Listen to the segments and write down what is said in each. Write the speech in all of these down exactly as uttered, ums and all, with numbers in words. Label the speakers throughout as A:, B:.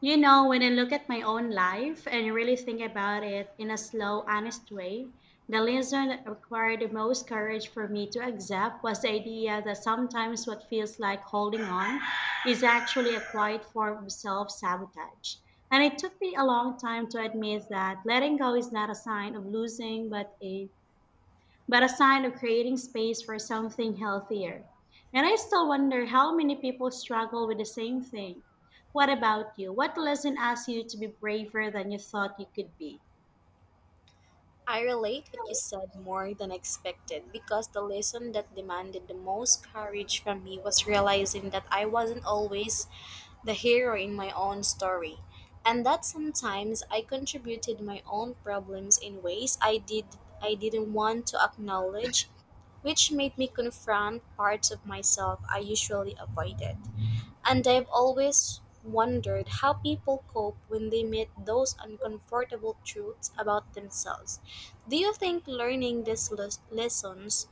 A: You know, when I look at my own life and really think about it in a slow, honest way, the lesson that required the most courage for me to accept was the idea that sometimes what feels like holding on is actually a quiet form of self sabotage. And it took me a long time to admit that letting go is not a sign of losing, but a but a sign of creating space for something healthier. And I still wonder how many people struggle with the same thing. What about you? What lesson asked you to be braver than you thought you could be?
B: I relate what you said more than expected because the lesson that demanded the most courage from me was realizing that I wasn't always the hero in my own story, and that sometimes I contributed my own problems in ways I did I didn't want to acknowledge, which made me confront parts of myself I usually avoided. And I've always wondered how people cope when they meet those uncomfortable truths about themselves. Do you think learning these les- lessons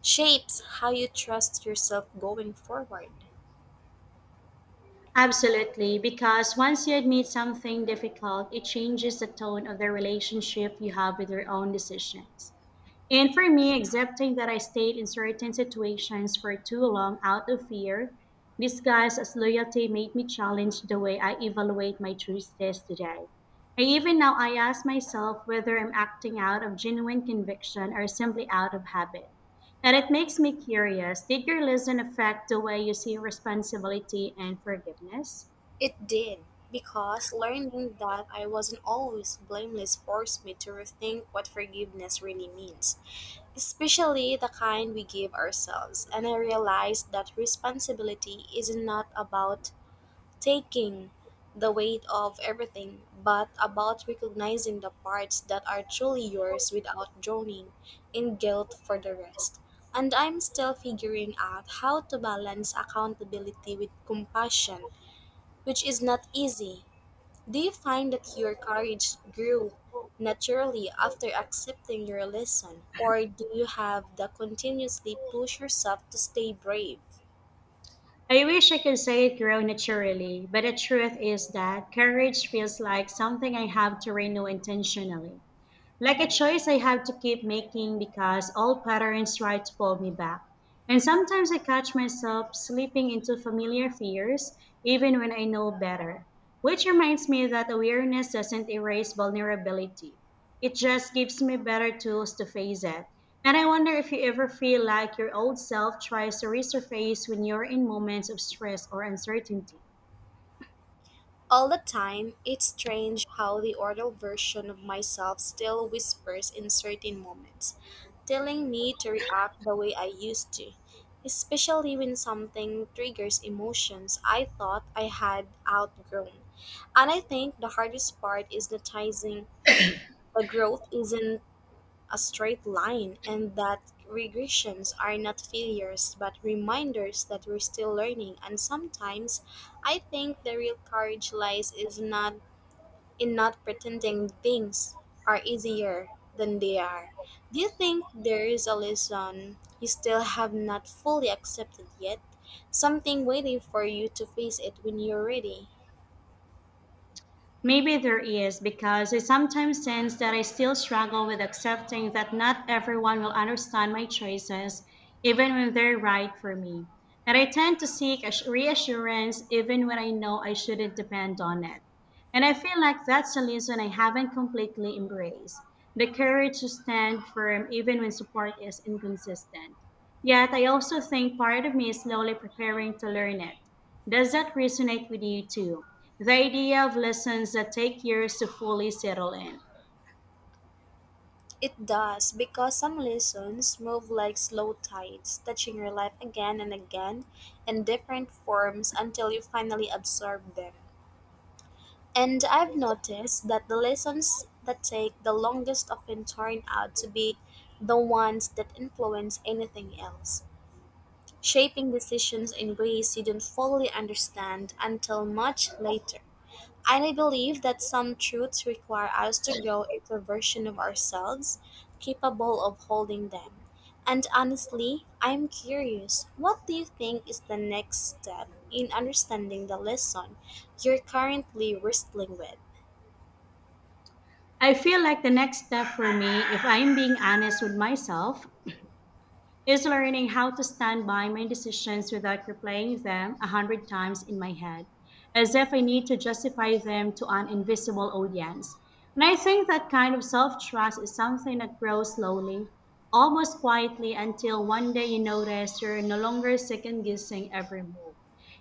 B: shapes how you trust yourself going forward?
A: Absolutely, because once you admit something difficult, it changes the tone of the relationship you have with your own decisions. And for me, accepting that I stayed in certain situations for too long out of fear, disguised as loyalty, made me challenge the way I evaluate my choices today. And even now, I ask myself whether I'm acting out of genuine conviction or simply out of habit. And it makes me curious, did your lesson affect the way you see responsibility and forgiveness?
B: It did, because learning that I wasn't always blameless forced me to rethink what forgiveness really means, especially the kind we give ourselves. And I realized that responsibility is not about taking the weight of everything, but about recognizing the parts that are truly yours without drowning in guilt for the rest. And I'm still figuring out how to balance accountability with compassion, which is not easy. Do you find that your courage grew naturally after accepting your lesson, or do you have to continuously push yourself to stay brave?
A: I wish I could say it grew naturally, but the truth is that courage feels like something I have to renew intentionally, like a choice I have to keep making because old patterns try to pull me back. And sometimes I catch myself slipping into familiar fears even when I know better, which reminds me that awareness doesn't erase vulnerability. It just gives me better tools to face it. And I wonder if you ever feel like your old self tries to resurface when you're in moments of stress or uncertainty.
B: All the time. It's strange how the adult version of myself still whispers in certain moments, telling me to react the way I used to, especially when something triggers emotions I thought I had outgrown. And I think the hardest part is noticing the growth isn't a straight line, and that regressions are not failures but reminders that we're still learning. And sometimes I think the real courage lies is not in not pretending things are easier than they are. Do you think there is a lesson you still have not fully accepted yet? Something waiting for you to face it when you're ready?
A: Maybe there is, because I sometimes sense that I still struggle with accepting that not everyone will understand my choices, even when they're right for me. And I tend to seek ass- reassurance even when I know I shouldn't depend on it. And I feel like that's a lesson I haven't completely embraced, the courage to stand firm even when support is inconsistent. Yet I also think part of me is slowly preparing to learn it. Does that resonate with you too? The idea of lessons that take years to fully settle in.
B: It does, because some lessons move like slow tides, touching your life again and again in different forms until you finally absorb them. And I've noticed that the lessons that take the longest often turn out to be the ones that influence anything else, shaping decisions in ways you don't fully understand until much later. And I believe that some truths require us to grow into a version of ourselves capable of holding them. And honestly, I'm curious, what do you think is the next step in understanding the lesson you're currently wrestling with?
A: I feel like the next step for me, if I'm being honest with myself, is learning how to stand by my decisions without replaying them a hundred times in my head, as if I need to justify them to an invisible audience. And I think that kind of self trust is something that grows slowly, almost quietly, until one day you notice you're no longer second guessing every move.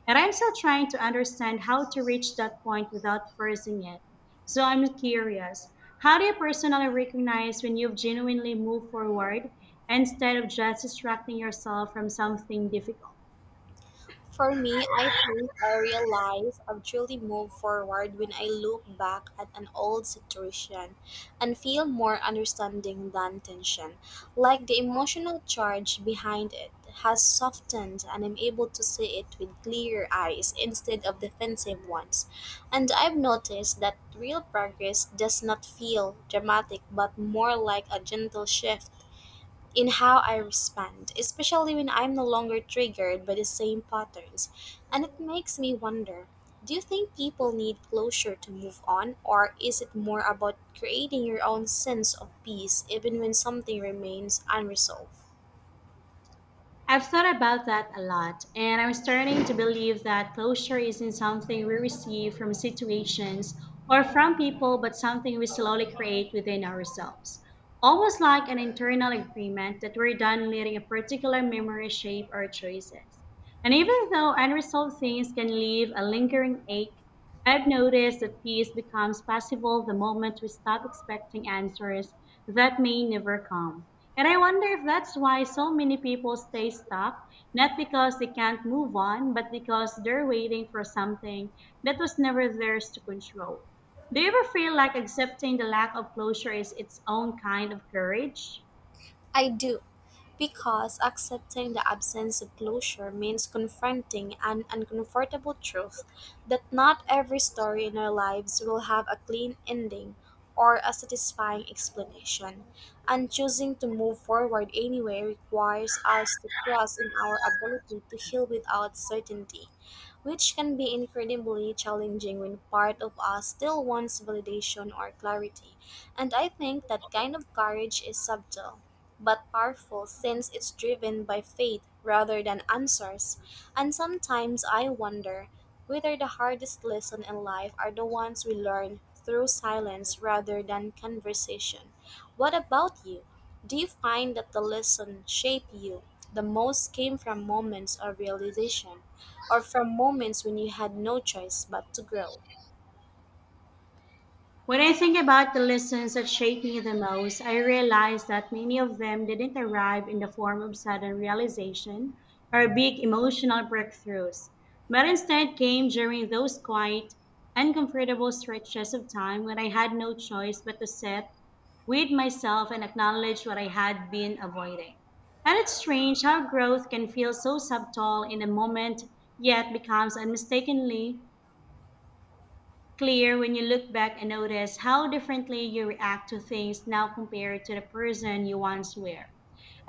A: And I'm still trying to understand how to reach that point without forcing it. So I'm curious, how do you personally recognize when you've genuinely moved forward instead of just distracting yourself from something difficult?
B: For me, I think I realize I've truly moved forward when I look back at an old situation and feel more understanding than tension, like the emotional charge behind it has softened and I'm able to see it with clear eyes instead of defensive ones. And I've noticed that real progress does not feel dramatic, but more like a gentle shift in how I respond, especially when I'm no longer triggered by the same patterns. And it makes me wonder, do you think people need closure to move on, or is it more about creating your own sense of peace even when something remains unresolved?
A: I've thought about that a lot, and I'm starting to believe that closure isn't something we receive from situations or from people, but something we slowly create within ourselves. Almost like an internal agreement that we're done letting a particular memory shape our choices. And even though unresolved things can leave a lingering ache, I've noticed that peace becomes possible the moment we stop expecting answers that may never come. And I wonder if that's why so many people stay stuck, not because they can't move on, but because they're waiting for something that was never theirs to control. Do you ever feel like accepting the lack of closure is its own kind of courage?
B: I do, because accepting the absence of closure means confronting an uncomfortable truth that not every story in our lives will have a clean ending or a satisfying explanation. And choosing to move forward anyway requires us to trust in our ability to heal without certainty, which can be incredibly challenging when part of us still wants validation or clarity. And I think that kind of courage is subtle but powerful, since it's driven by faith rather than answers. And sometimes I wonder whether the hardest lessons in life are the ones we learn through silence rather than conversation. What about you? Do you find that the lesson shape you? The most came from moments of realization, or from moments when you had no choice but to grow?
A: When I think about the lessons that shaped me the most, I realize that many of them didn't arrive in the form of sudden realization or big emotional breakthroughs, but instead came during those quiet, uncomfortable stretches of time when I had no choice but to sit with myself and acknowledge what I had been avoiding. And it's strange how growth can feel so subtle in a moment, yet becomes unmistakably clear when you look back and notice how differently you react to things now compared to the person you once were.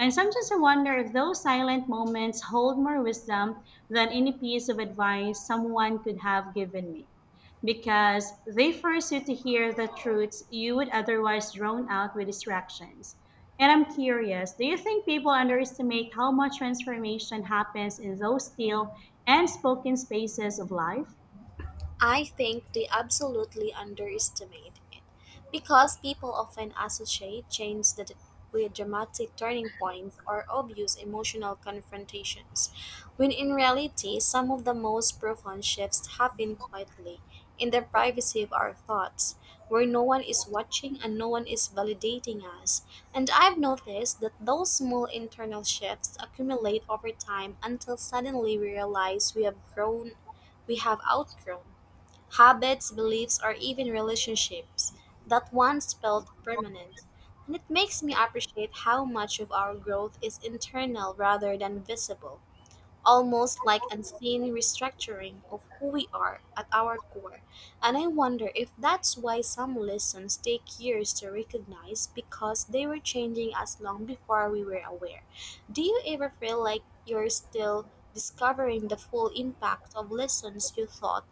A: And sometimes I wonder if those silent moments hold more wisdom than any piece of advice someone could have given me, because they force you to hear the truths you would otherwise drown out with distractions. And I'm curious, do you think people underestimate how much transformation happens in those still and spoken spaces of life?
B: I think they absolutely underestimate it, because people often associate change that- with dramatic turning points or obvious emotional confrontations, when in reality, some of the most profound shifts happen quietly in the privacy of our thoughts, where no one is watching and no one is validating us. And I've noticed that those small internal shifts accumulate over time until suddenly we realize we have grown, we have outgrown habits, beliefs, or even relationships that once felt permanent. And it makes me appreciate how much of our growth is internal rather than visible, almost like unseen restructuring of who we are at our core. And I wonder if that's why some lessons take years to recognize, because they were changing us long before we were aware. Do you ever feel like you're still discovering the full impact of lessons you thought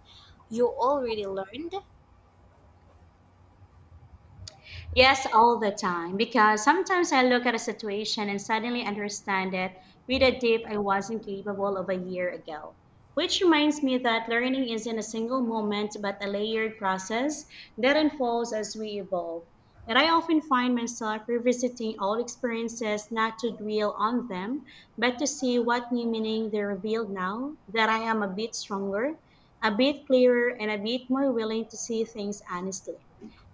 B: you already learned?
A: Yes, all the time. Because sometimes I look at a situation and suddenly understand it with a depth I wasn't capable of a year ago, which reminds me that learning isn't a single moment, but a layered process that unfolds as we evolve. And I often find myself revisiting old experiences not to dwell on them, but to see what new meaning they reveal now that I am a bit stronger, a bit clearer, and a bit more willing to see things honestly.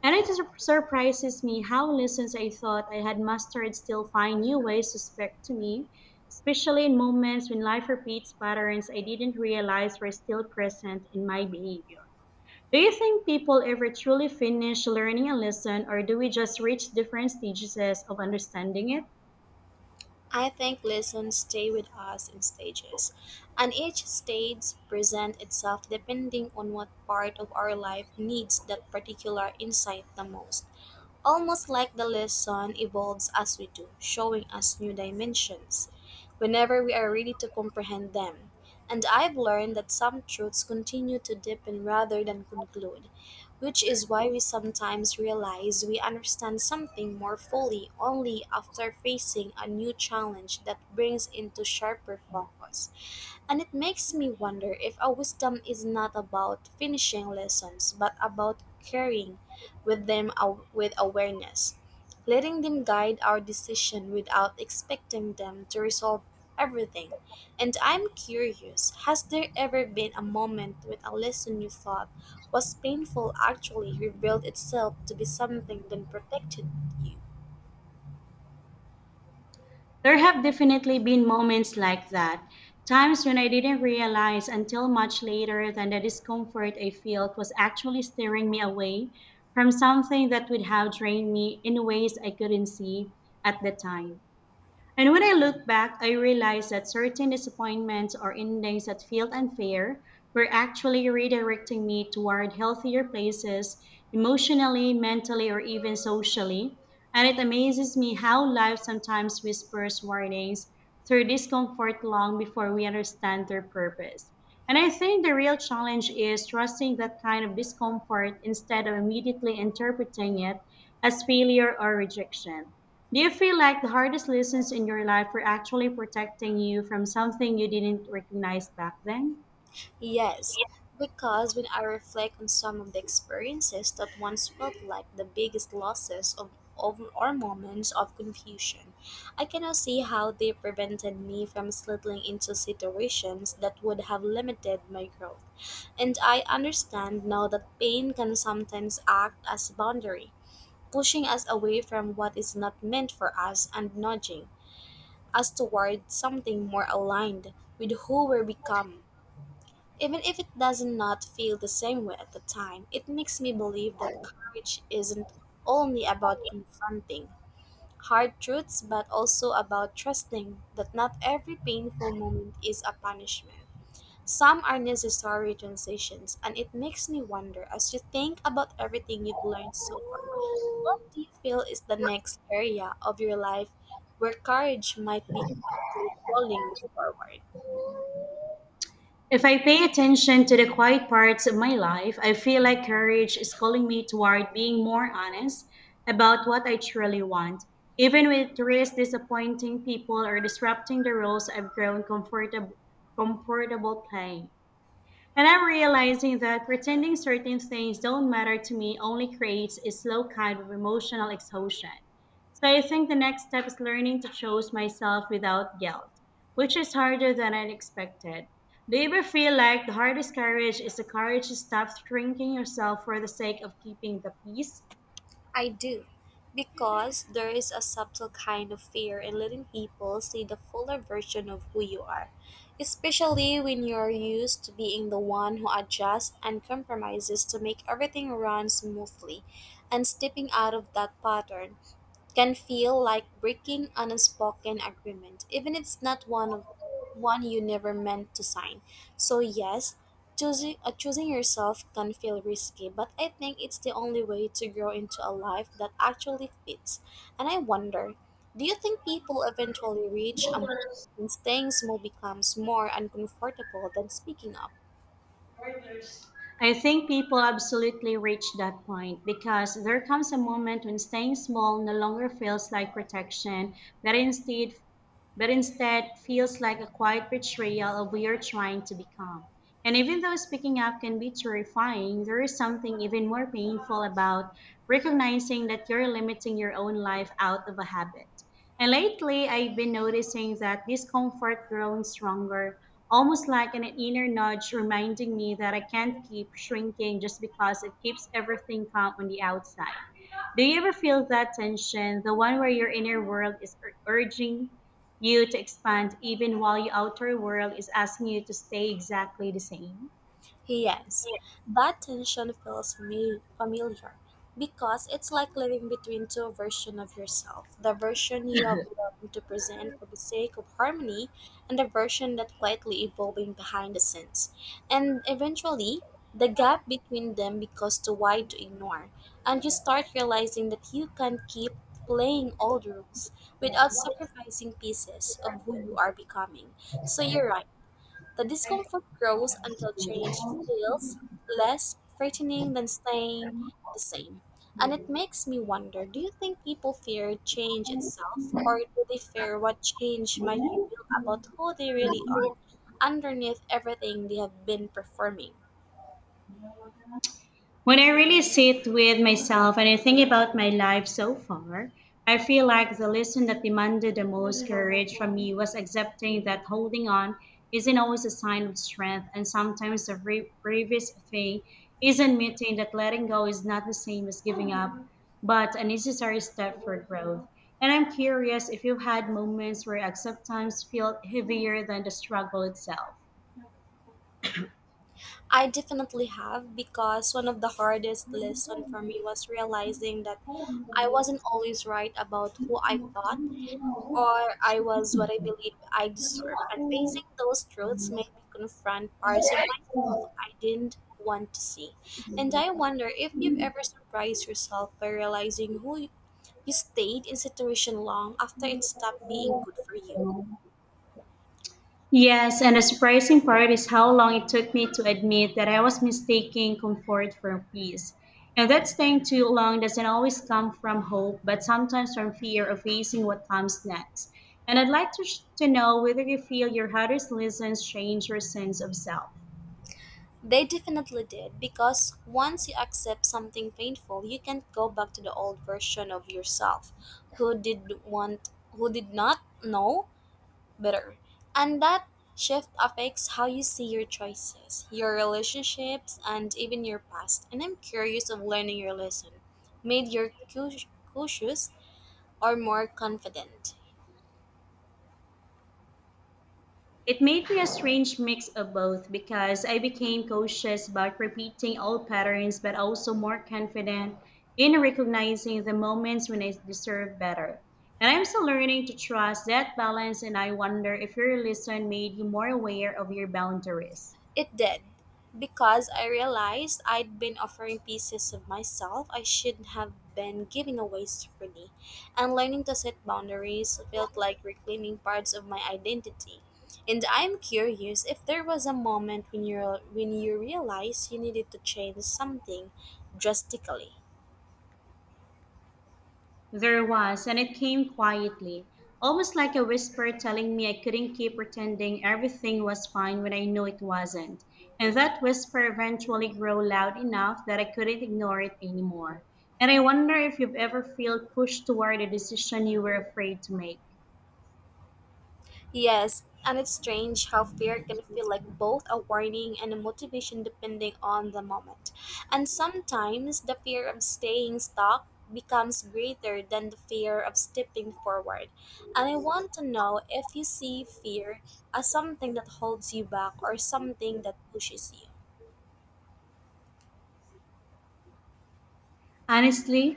A: And it sur- surprises me how lessons I thought I had mastered still find new ways to speak to me, especially in moments when life repeats patterns I didn't realize were still present in my behavior. Do you think people ever truly finish learning a lesson, or do we just reach different stages of understanding it?
B: I think lessons stay with us in stages, and each stage presents itself depending on what part of our life needs that particular insight the most, almost like the lesson evolves as we do, showing us new dimensions whenever we are ready to comprehend them. And I've learned that some truths continue to deepen rather than conclude, which is why we sometimes realize we understand something more fully only after facing a new challenge that brings into sharper focus. And it makes me wonder if our wisdom is not about finishing lessons, but about carrying with them aw- with awareness, letting them guide our decision without expecting them to resolve everything. And I'm curious, has there ever been a moment when a lesson you thought was painful actually revealed itself to be something that protected you?
A: There have definitely been moments like that, times when I didn't realize until much later that the discomfort I felt was actually steering me away from something that would have drained me in ways I couldn't see at the time. And when I look back, I realize that certain disappointments or endings that felt unfair were actually redirecting me toward healthier places emotionally, mentally, or even socially. And it amazes me how life sometimes whispers warnings through discomfort long before we understand their purpose. And I think the real challenge is trusting that kind of discomfort instead of immediately interpreting it as failure or rejection. Do you feel like the hardest lessons in your life were actually protecting you from something you didn't recognize back then?
B: Yes, because when I reflect on some of the experiences that once felt like the biggest losses of, of or moments of confusion, I cannot see how they prevented me from slipping into situations that would have limited my growth. And I understand now that pain can sometimes act as a boundary, pushing us away from what is not meant for us and nudging us toward something more aligned with who we become, even if it doesn't not feel the same way at the time. It makes me believe that courage isn't only about confronting hard truths, but also about trusting that not every painful moment is a punishment. Some are necessary transitions, and it makes me wonder, as you think about everything you've learned so far, what do you feel is the next area of your life where courage might be quietly calling you forward?
A: If I pay attention to the quiet parts of my life, I feel like courage is calling me toward being more honest about what I truly want, even with risk disappointing people or disrupting the roles I've grown comfortab- comfortable playing. And I'm realizing that pretending certain things don't matter to me only creates a slow kind of emotional exhaustion. So I think the next step is learning to choose myself without guilt, which is harder than I expected. Do you ever feel like the hardest courage is the courage to stop shrinking yourself for the sake of keeping the peace?
B: I do, because there is a subtle kind of fear in letting people see the fuller version of who you are, especially when you're used to being the one who adjusts and compromises to make everything run smoothly, and stepping out of that pattern can feel like breaking an unspoken agreement, even if it's not one of one you never meant to sign. So yes, choosing uh, choosing yourself can feel risky, but I think it's the only way to grow into a life that actually fits. And I wonder, do you think people eventually reach a moment when staying small becomes more uncomfortable than speaking up?
A: I think people absolutely reach that point, because there comes a moment when staying small no longer feels like protection, but instead but instead feels like a quiet betrayal of we are trying to become. And even though speaking up can be terrifying, there is something even more painful about recognizing that you're limiting your own life out of a habit. And lately, I've been noticing that discomfort growing stronger, almost like an inner nudge reminding me that I can't keep shrinking just because it keeps everything calm on the outside. Do you ever feel that tension, the one where your inner world is ur- urging you to expand even while your outer world is asking you to stay exactly the same?
B: Yes, that tension feels fami- familiar, because it's like living between two versions of yourself: the version you have learned to present for the sake of harmony, and the version that quietly evolving behind the scenes. And eventually, the gap between them becomes too wide to ignore, and you start realizing that you can't keep playing old rules without sacrificing pieces of who you are becoming. So you're right, the discomfort grows until change feels less frightening than staying the same. And it makes me wonder, do you think people fear change itself, or do they fear what change might reveal about who they really are underneath everything they have been performing?
A: When I really sit with myself and I think about my life so far, I feel like the lesson that demanded the most courage from me was accepting that holding on isn't always a sign of strength, and sometimes the bra- bravest thing is admitting that letting go is not the same as giving up, but a necessary step for growth. And I'm curious if you've had moments where acceptance felt heavier than the struggle itself.
B: I definitely have, because one of the hardest lessons for me was realizing that I wasn't always right about who I thought or I was what I believe I deserve. And facing those truths made me confront parts of myself I didn't want to see. And I wonder if you've ever surprised yourself by realizing who you, you stayed in situation long after it stopped being good for you.
A: Yes, and the surprising part is how long it took me to admit that I was mistaking comfort for peace, and that staying too long doesn't always come from hope, but sometimes from fear of facing what comes next. And I'd like to, sh- to know whether you feel your hardest lessons change your sense of self.
B: They definitely did, because once you accept something painful, you can't go back to the old version of yourself who did want who did not know better. And that shift affects how you see your choices, your relationships, and even your past. And I'm curious of learning your lesson. Made your cau- cautious or more confident?
A: It made me a strange mix of both, because I became cautious about repeating old patterns, but also more confident in recognizing the moments when I deserve better. And I'm still learning to trust that balance, and I wonder if your lesson made you more aware of your boundaries.
B: It did, because I realized I'd been offering pieces of myself I shouldn't have been giving away so freely, and learning to set boundaries felt like reclaiming parts of my identity. And I'm curious if there was a moment when you when you realized you needed to change something drastically.
A: There was, and it came quietly, almost like a whisper telling me I couldn't keep pretending everything was fine when I knew it wasn't. And that whisper eventually grew loud enough that I couldn't ignore it anymore. And I wonder if you've ever felt pushed toward a decision you were afraid to make.
B: Yes, and it's strange how fear can feel like both a warning and a motivation depending on the moment. And sometimes the fear of staying stuck becomes greater than the fear of stepping forward. And I want to know if you see fear as something that holds you back or something that pushes you.
A: Honestly,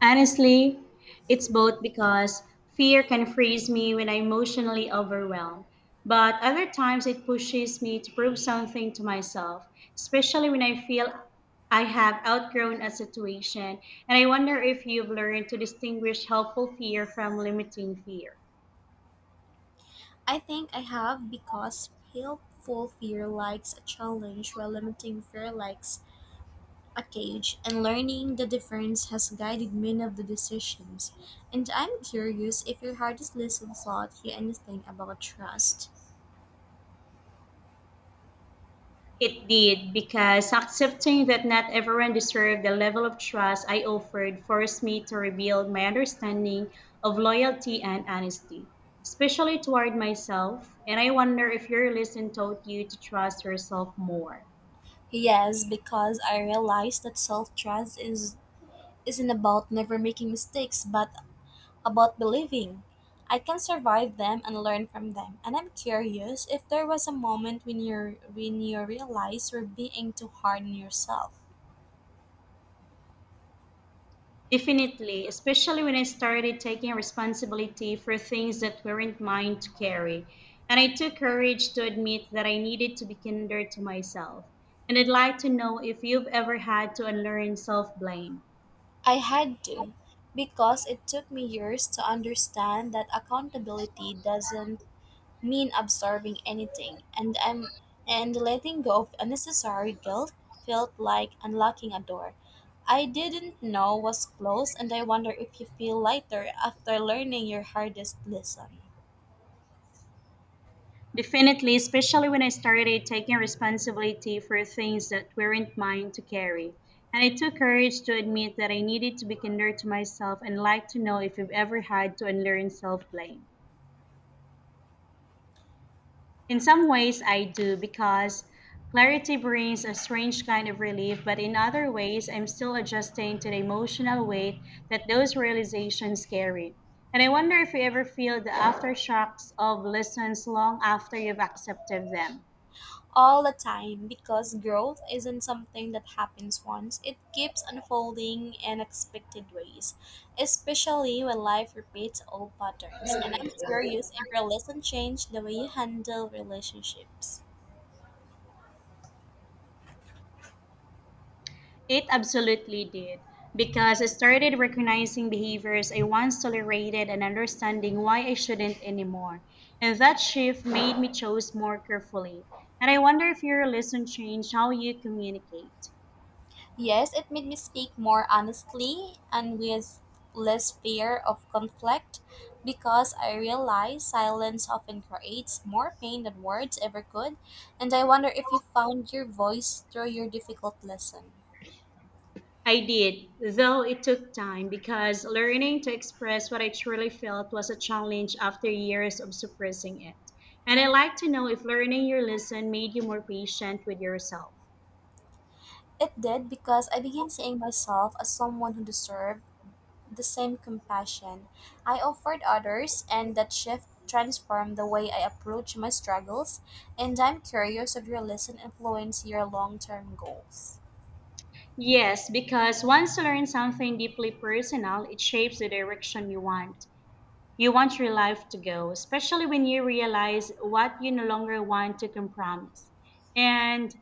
A: Honestly, it's both, because fear can freeze me when I'm emotionally overwhelmed, but other times it pushes me to prove something to myself, especially when I feel I have outgrown a situation. And I wonder if you've learned to distinguish helpful fear from limiting fear.
B: I think I have, because helpful fear likes a challenge while limiting fear likes a cage, and learning the difference has guided many of the decisions. And I'm curious if your hardest lesson taught you anything about trust.
A: It did, because accepting that not everyone deserved the level of trust I offered forced me to rebuild my understanding of loyalty and honesty, especially toward myself. And I wonder if your lesson taught you to trust yourself more.
B: Yes, because I realized that self trust is isn't about never making mistakes, but about believing I can survive them and learn from them. And I'm curious if there was a moment when you when you realized you're being too hard on yourself.
A: Definitely, especially when I started taking responsibility for things that weren't mine to carry. And I took courage to admit that I needed to be kinder to myself. And I'd like to know if you've ever had to unlearn self blame.
B: I had to, because it took me years to understand that accountability doesn't mean absorbing anything, and I'm and letting go of unnecessary guilt felt like unlocking a door I didn't know was closed, and I wonder if you feel lighter after learning your hardest lesson.
A: Definitely, especially when I started taking responsibility for things that weren't mine to carry. And it took courage to admit that I needed to be kinder to myself and like to know if you've ever had to unlearn self blame. In some ways, I do, because clarity brings a strange kind of relief, but in other ways, I'm still adjusting to the emotional weight that those realizations carry. And I wonder if you ever feel the aftershocks of lessons long after you've accepted them.
B: All the time, because growth isn't something that happens once. It keeps unfolding in unexpected ways, especially when life repeats old patterns. And I'm curious if your lesson changed the way you handle relationships.
A: It absolutely did, because I started recognizing behaviors I once tolerated and understanding why I shouldn't anymore. And that shift made me choose more carefully. And I wonder if your lesson changed how you communicate.
B: Yes, it made me speak more honestly and with less fear of conflict, because I realize silence often creates more pain than words ever could. And I wonder if you found your voice through your difficult lesson.
A: I did, though it took time, because learning to express what I truly felt was a challenge after years of suppressing it. And I'd like to know if learning your lesson made you more patient with yourself.
B: It did, because I began seeing myself as someone who deserved the same compassion I offered others, and that shift transformed the way I approach my struggles. And I'm curious if your lesson influenced your long term goals.
A: Yes, because once you learn something deeply personal, it shapes the direction you want. You want your life to go, especially when you realize what you no longer want to compromise. And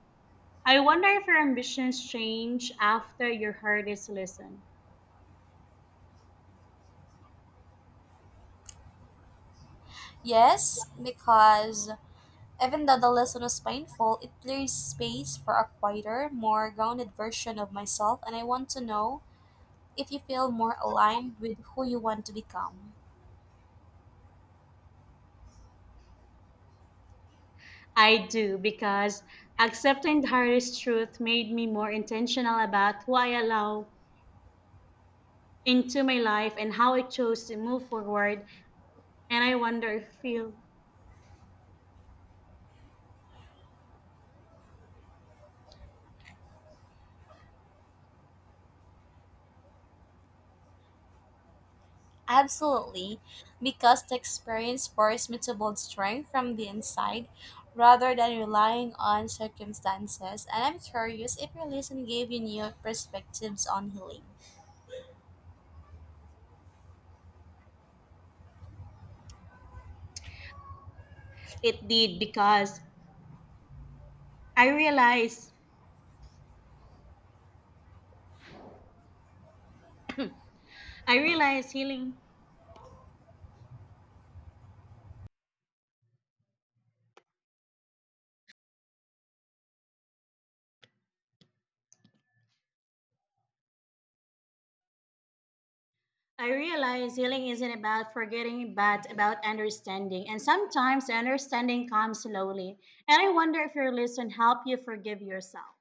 A: I wonder if your ambitions change after your hardest lesson.
B: Yes, because even though the lesson was painful, it clears space for a quieter, more grounded version of myself, and I want to know if you feel more aligned with who you want to become.
A: I do, because accepting the hardest truth made me more intentional about who I allow into my life and how I chose to move forward. And I wonder if you
B: Absolutely, because the experience forced me to build strength from the inside rather than relying on circumstances. And I'm curious if your lesson gave you new perspectives on healing.
A: it did because I realized I realize healing I realize healing isn't about forgetting but about understanding, and sometimes the understanding comes slowly. And I wonder if your lesson helped you forgive yourself.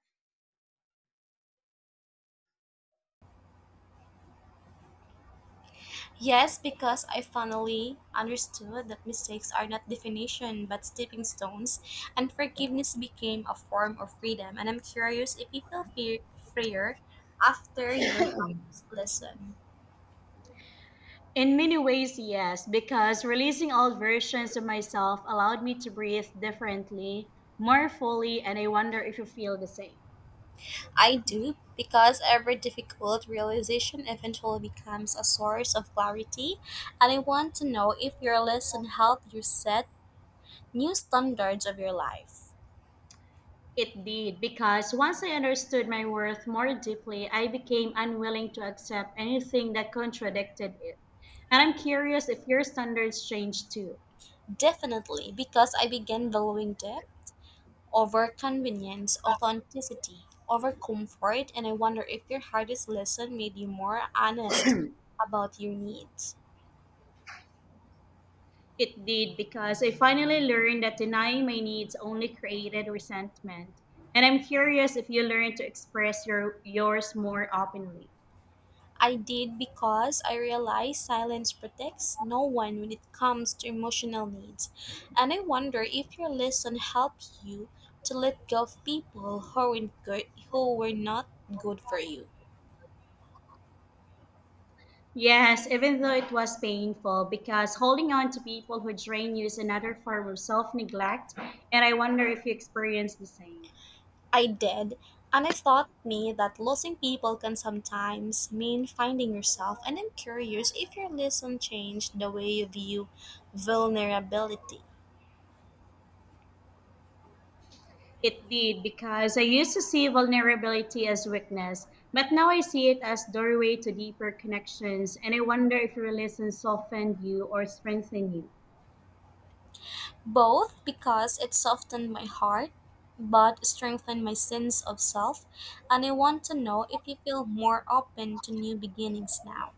B: Yes, because I finally understood that mistakes are not definition but stepping stones, and forgiveness became a form of freedom. And I'm curious if you feel fe- freer after your hardest lesson.
A: In many ways, yes, because releasing old versions of myself allowed me to breathe differently, more fully, and I wonder if you feel the same.
B: I do, because every difficult realization eventually becomes a source of clarity, and I want to know if your lesson helped you set new standards of your life.
A: It did, because once I understood my worth more deeply, I became unwilling to accept anything that contradicted it. And I'm curious if your standards changed too.
B: Definitely, because I began valuing depth over convenience, authenticity over comfort, and I wonder if your hardest lesson made you more honest about your needs.
A: It did, because I finally learned that denying my needs only created resentment. And I'm curious if you learned to express your yours more openly.
B: I did, because I realize silence protects no one when it comes to emotional needs. And I wonder if your lesson helped you to let go of people who were good, who were not good for you.
A: Yes, even though it was painful, because holding on to people who drain you is another form of self-neglect, and I wonder if you experienced the same.
B: I did, and it taught me that losing people can sometimes mean finding yourself. And I'm curious if your lesson changed the way you view vulnerability.
A: It did because I used to see vulnerability as weakness, but now I see it as doorway to deeper connections, and I wonder if your religion softened you or strengthened you.
B: Both, because it softened my heart but strengthened my sense of self, and I want to know if you feel more open to new beginnings now.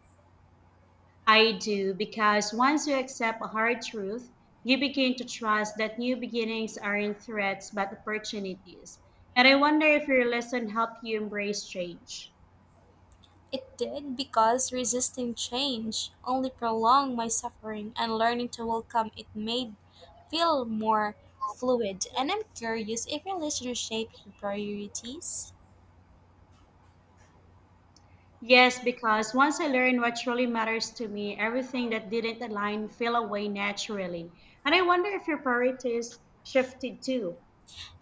A: I do, because once you accept a hard truth, you begin to trust that new beginnings aren't threats but opportunities. And I wonder if your lesson helped you embrace change.
B: It did, because resisting change only prolonged my suffering, and learning to welcome it made feel more fluid. And I'm curious if relationship your priorities.
A: Yes, because once I learned what truly matters to me, everything that didn't align fell away naturally. And I wonder if your priorities shifted too.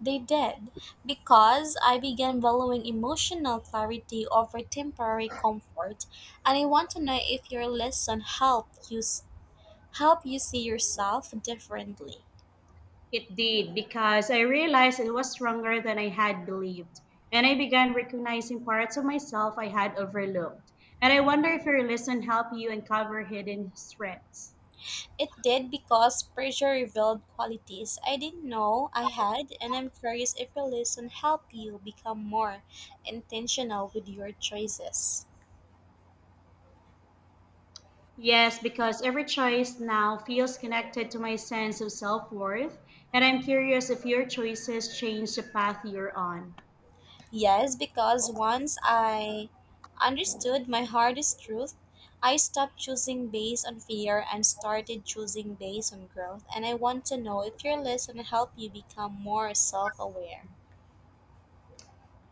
B: They did, because I began valuing emotional clarity over temporary comfort, and I want to know if your lesson helped you s- help you see yourself differently.
A: It did, because I realized it was stronger than I had believed. And I began recognizing parts of myself I had overlooked. And I wonder if your lesson helped you uncover hidden strengths.
B: It did, because pressure revealed qualities I didn't know I had, and I'm curious if your lesson helped you become more intentional with your choices.
A: Yes, because every choice now feels connected to my sense of self worth. And I'm curious if your choices changed the path you're on.
B: Yes, because once I understood my hardest truth, I stopped choosing based on fear and started choosing based on growth. And I want to know if your lesson helped you become more self aware.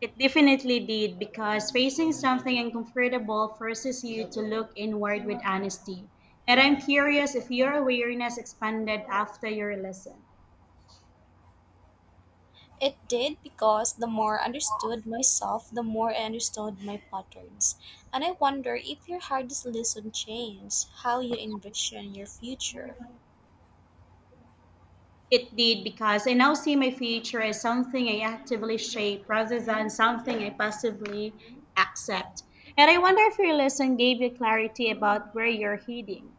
A: It definitely did, because facing something uncomfortable forces you to look inward with honesty. And I'm curious if your awareness expanded after your lesson.
B: It did, because the more I understood myself, the more I understood my patterns. And I wonder if your hardest lesson changed how you envision your future.
A: It did, because I now see my future as something I actively shape rather than something I passively accept. And I wonder if your lesson gave you clarity about where you're heading.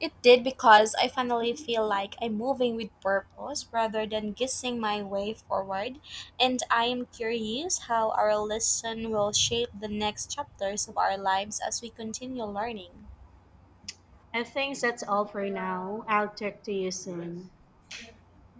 B: It did, because I finally feel like I'm moving with purpose rather than guessing my way forward, and I am curious how our lesson will shape the next chapters of our lives as we continue learning.
A: I think that's all for now. I'll talk to you soon.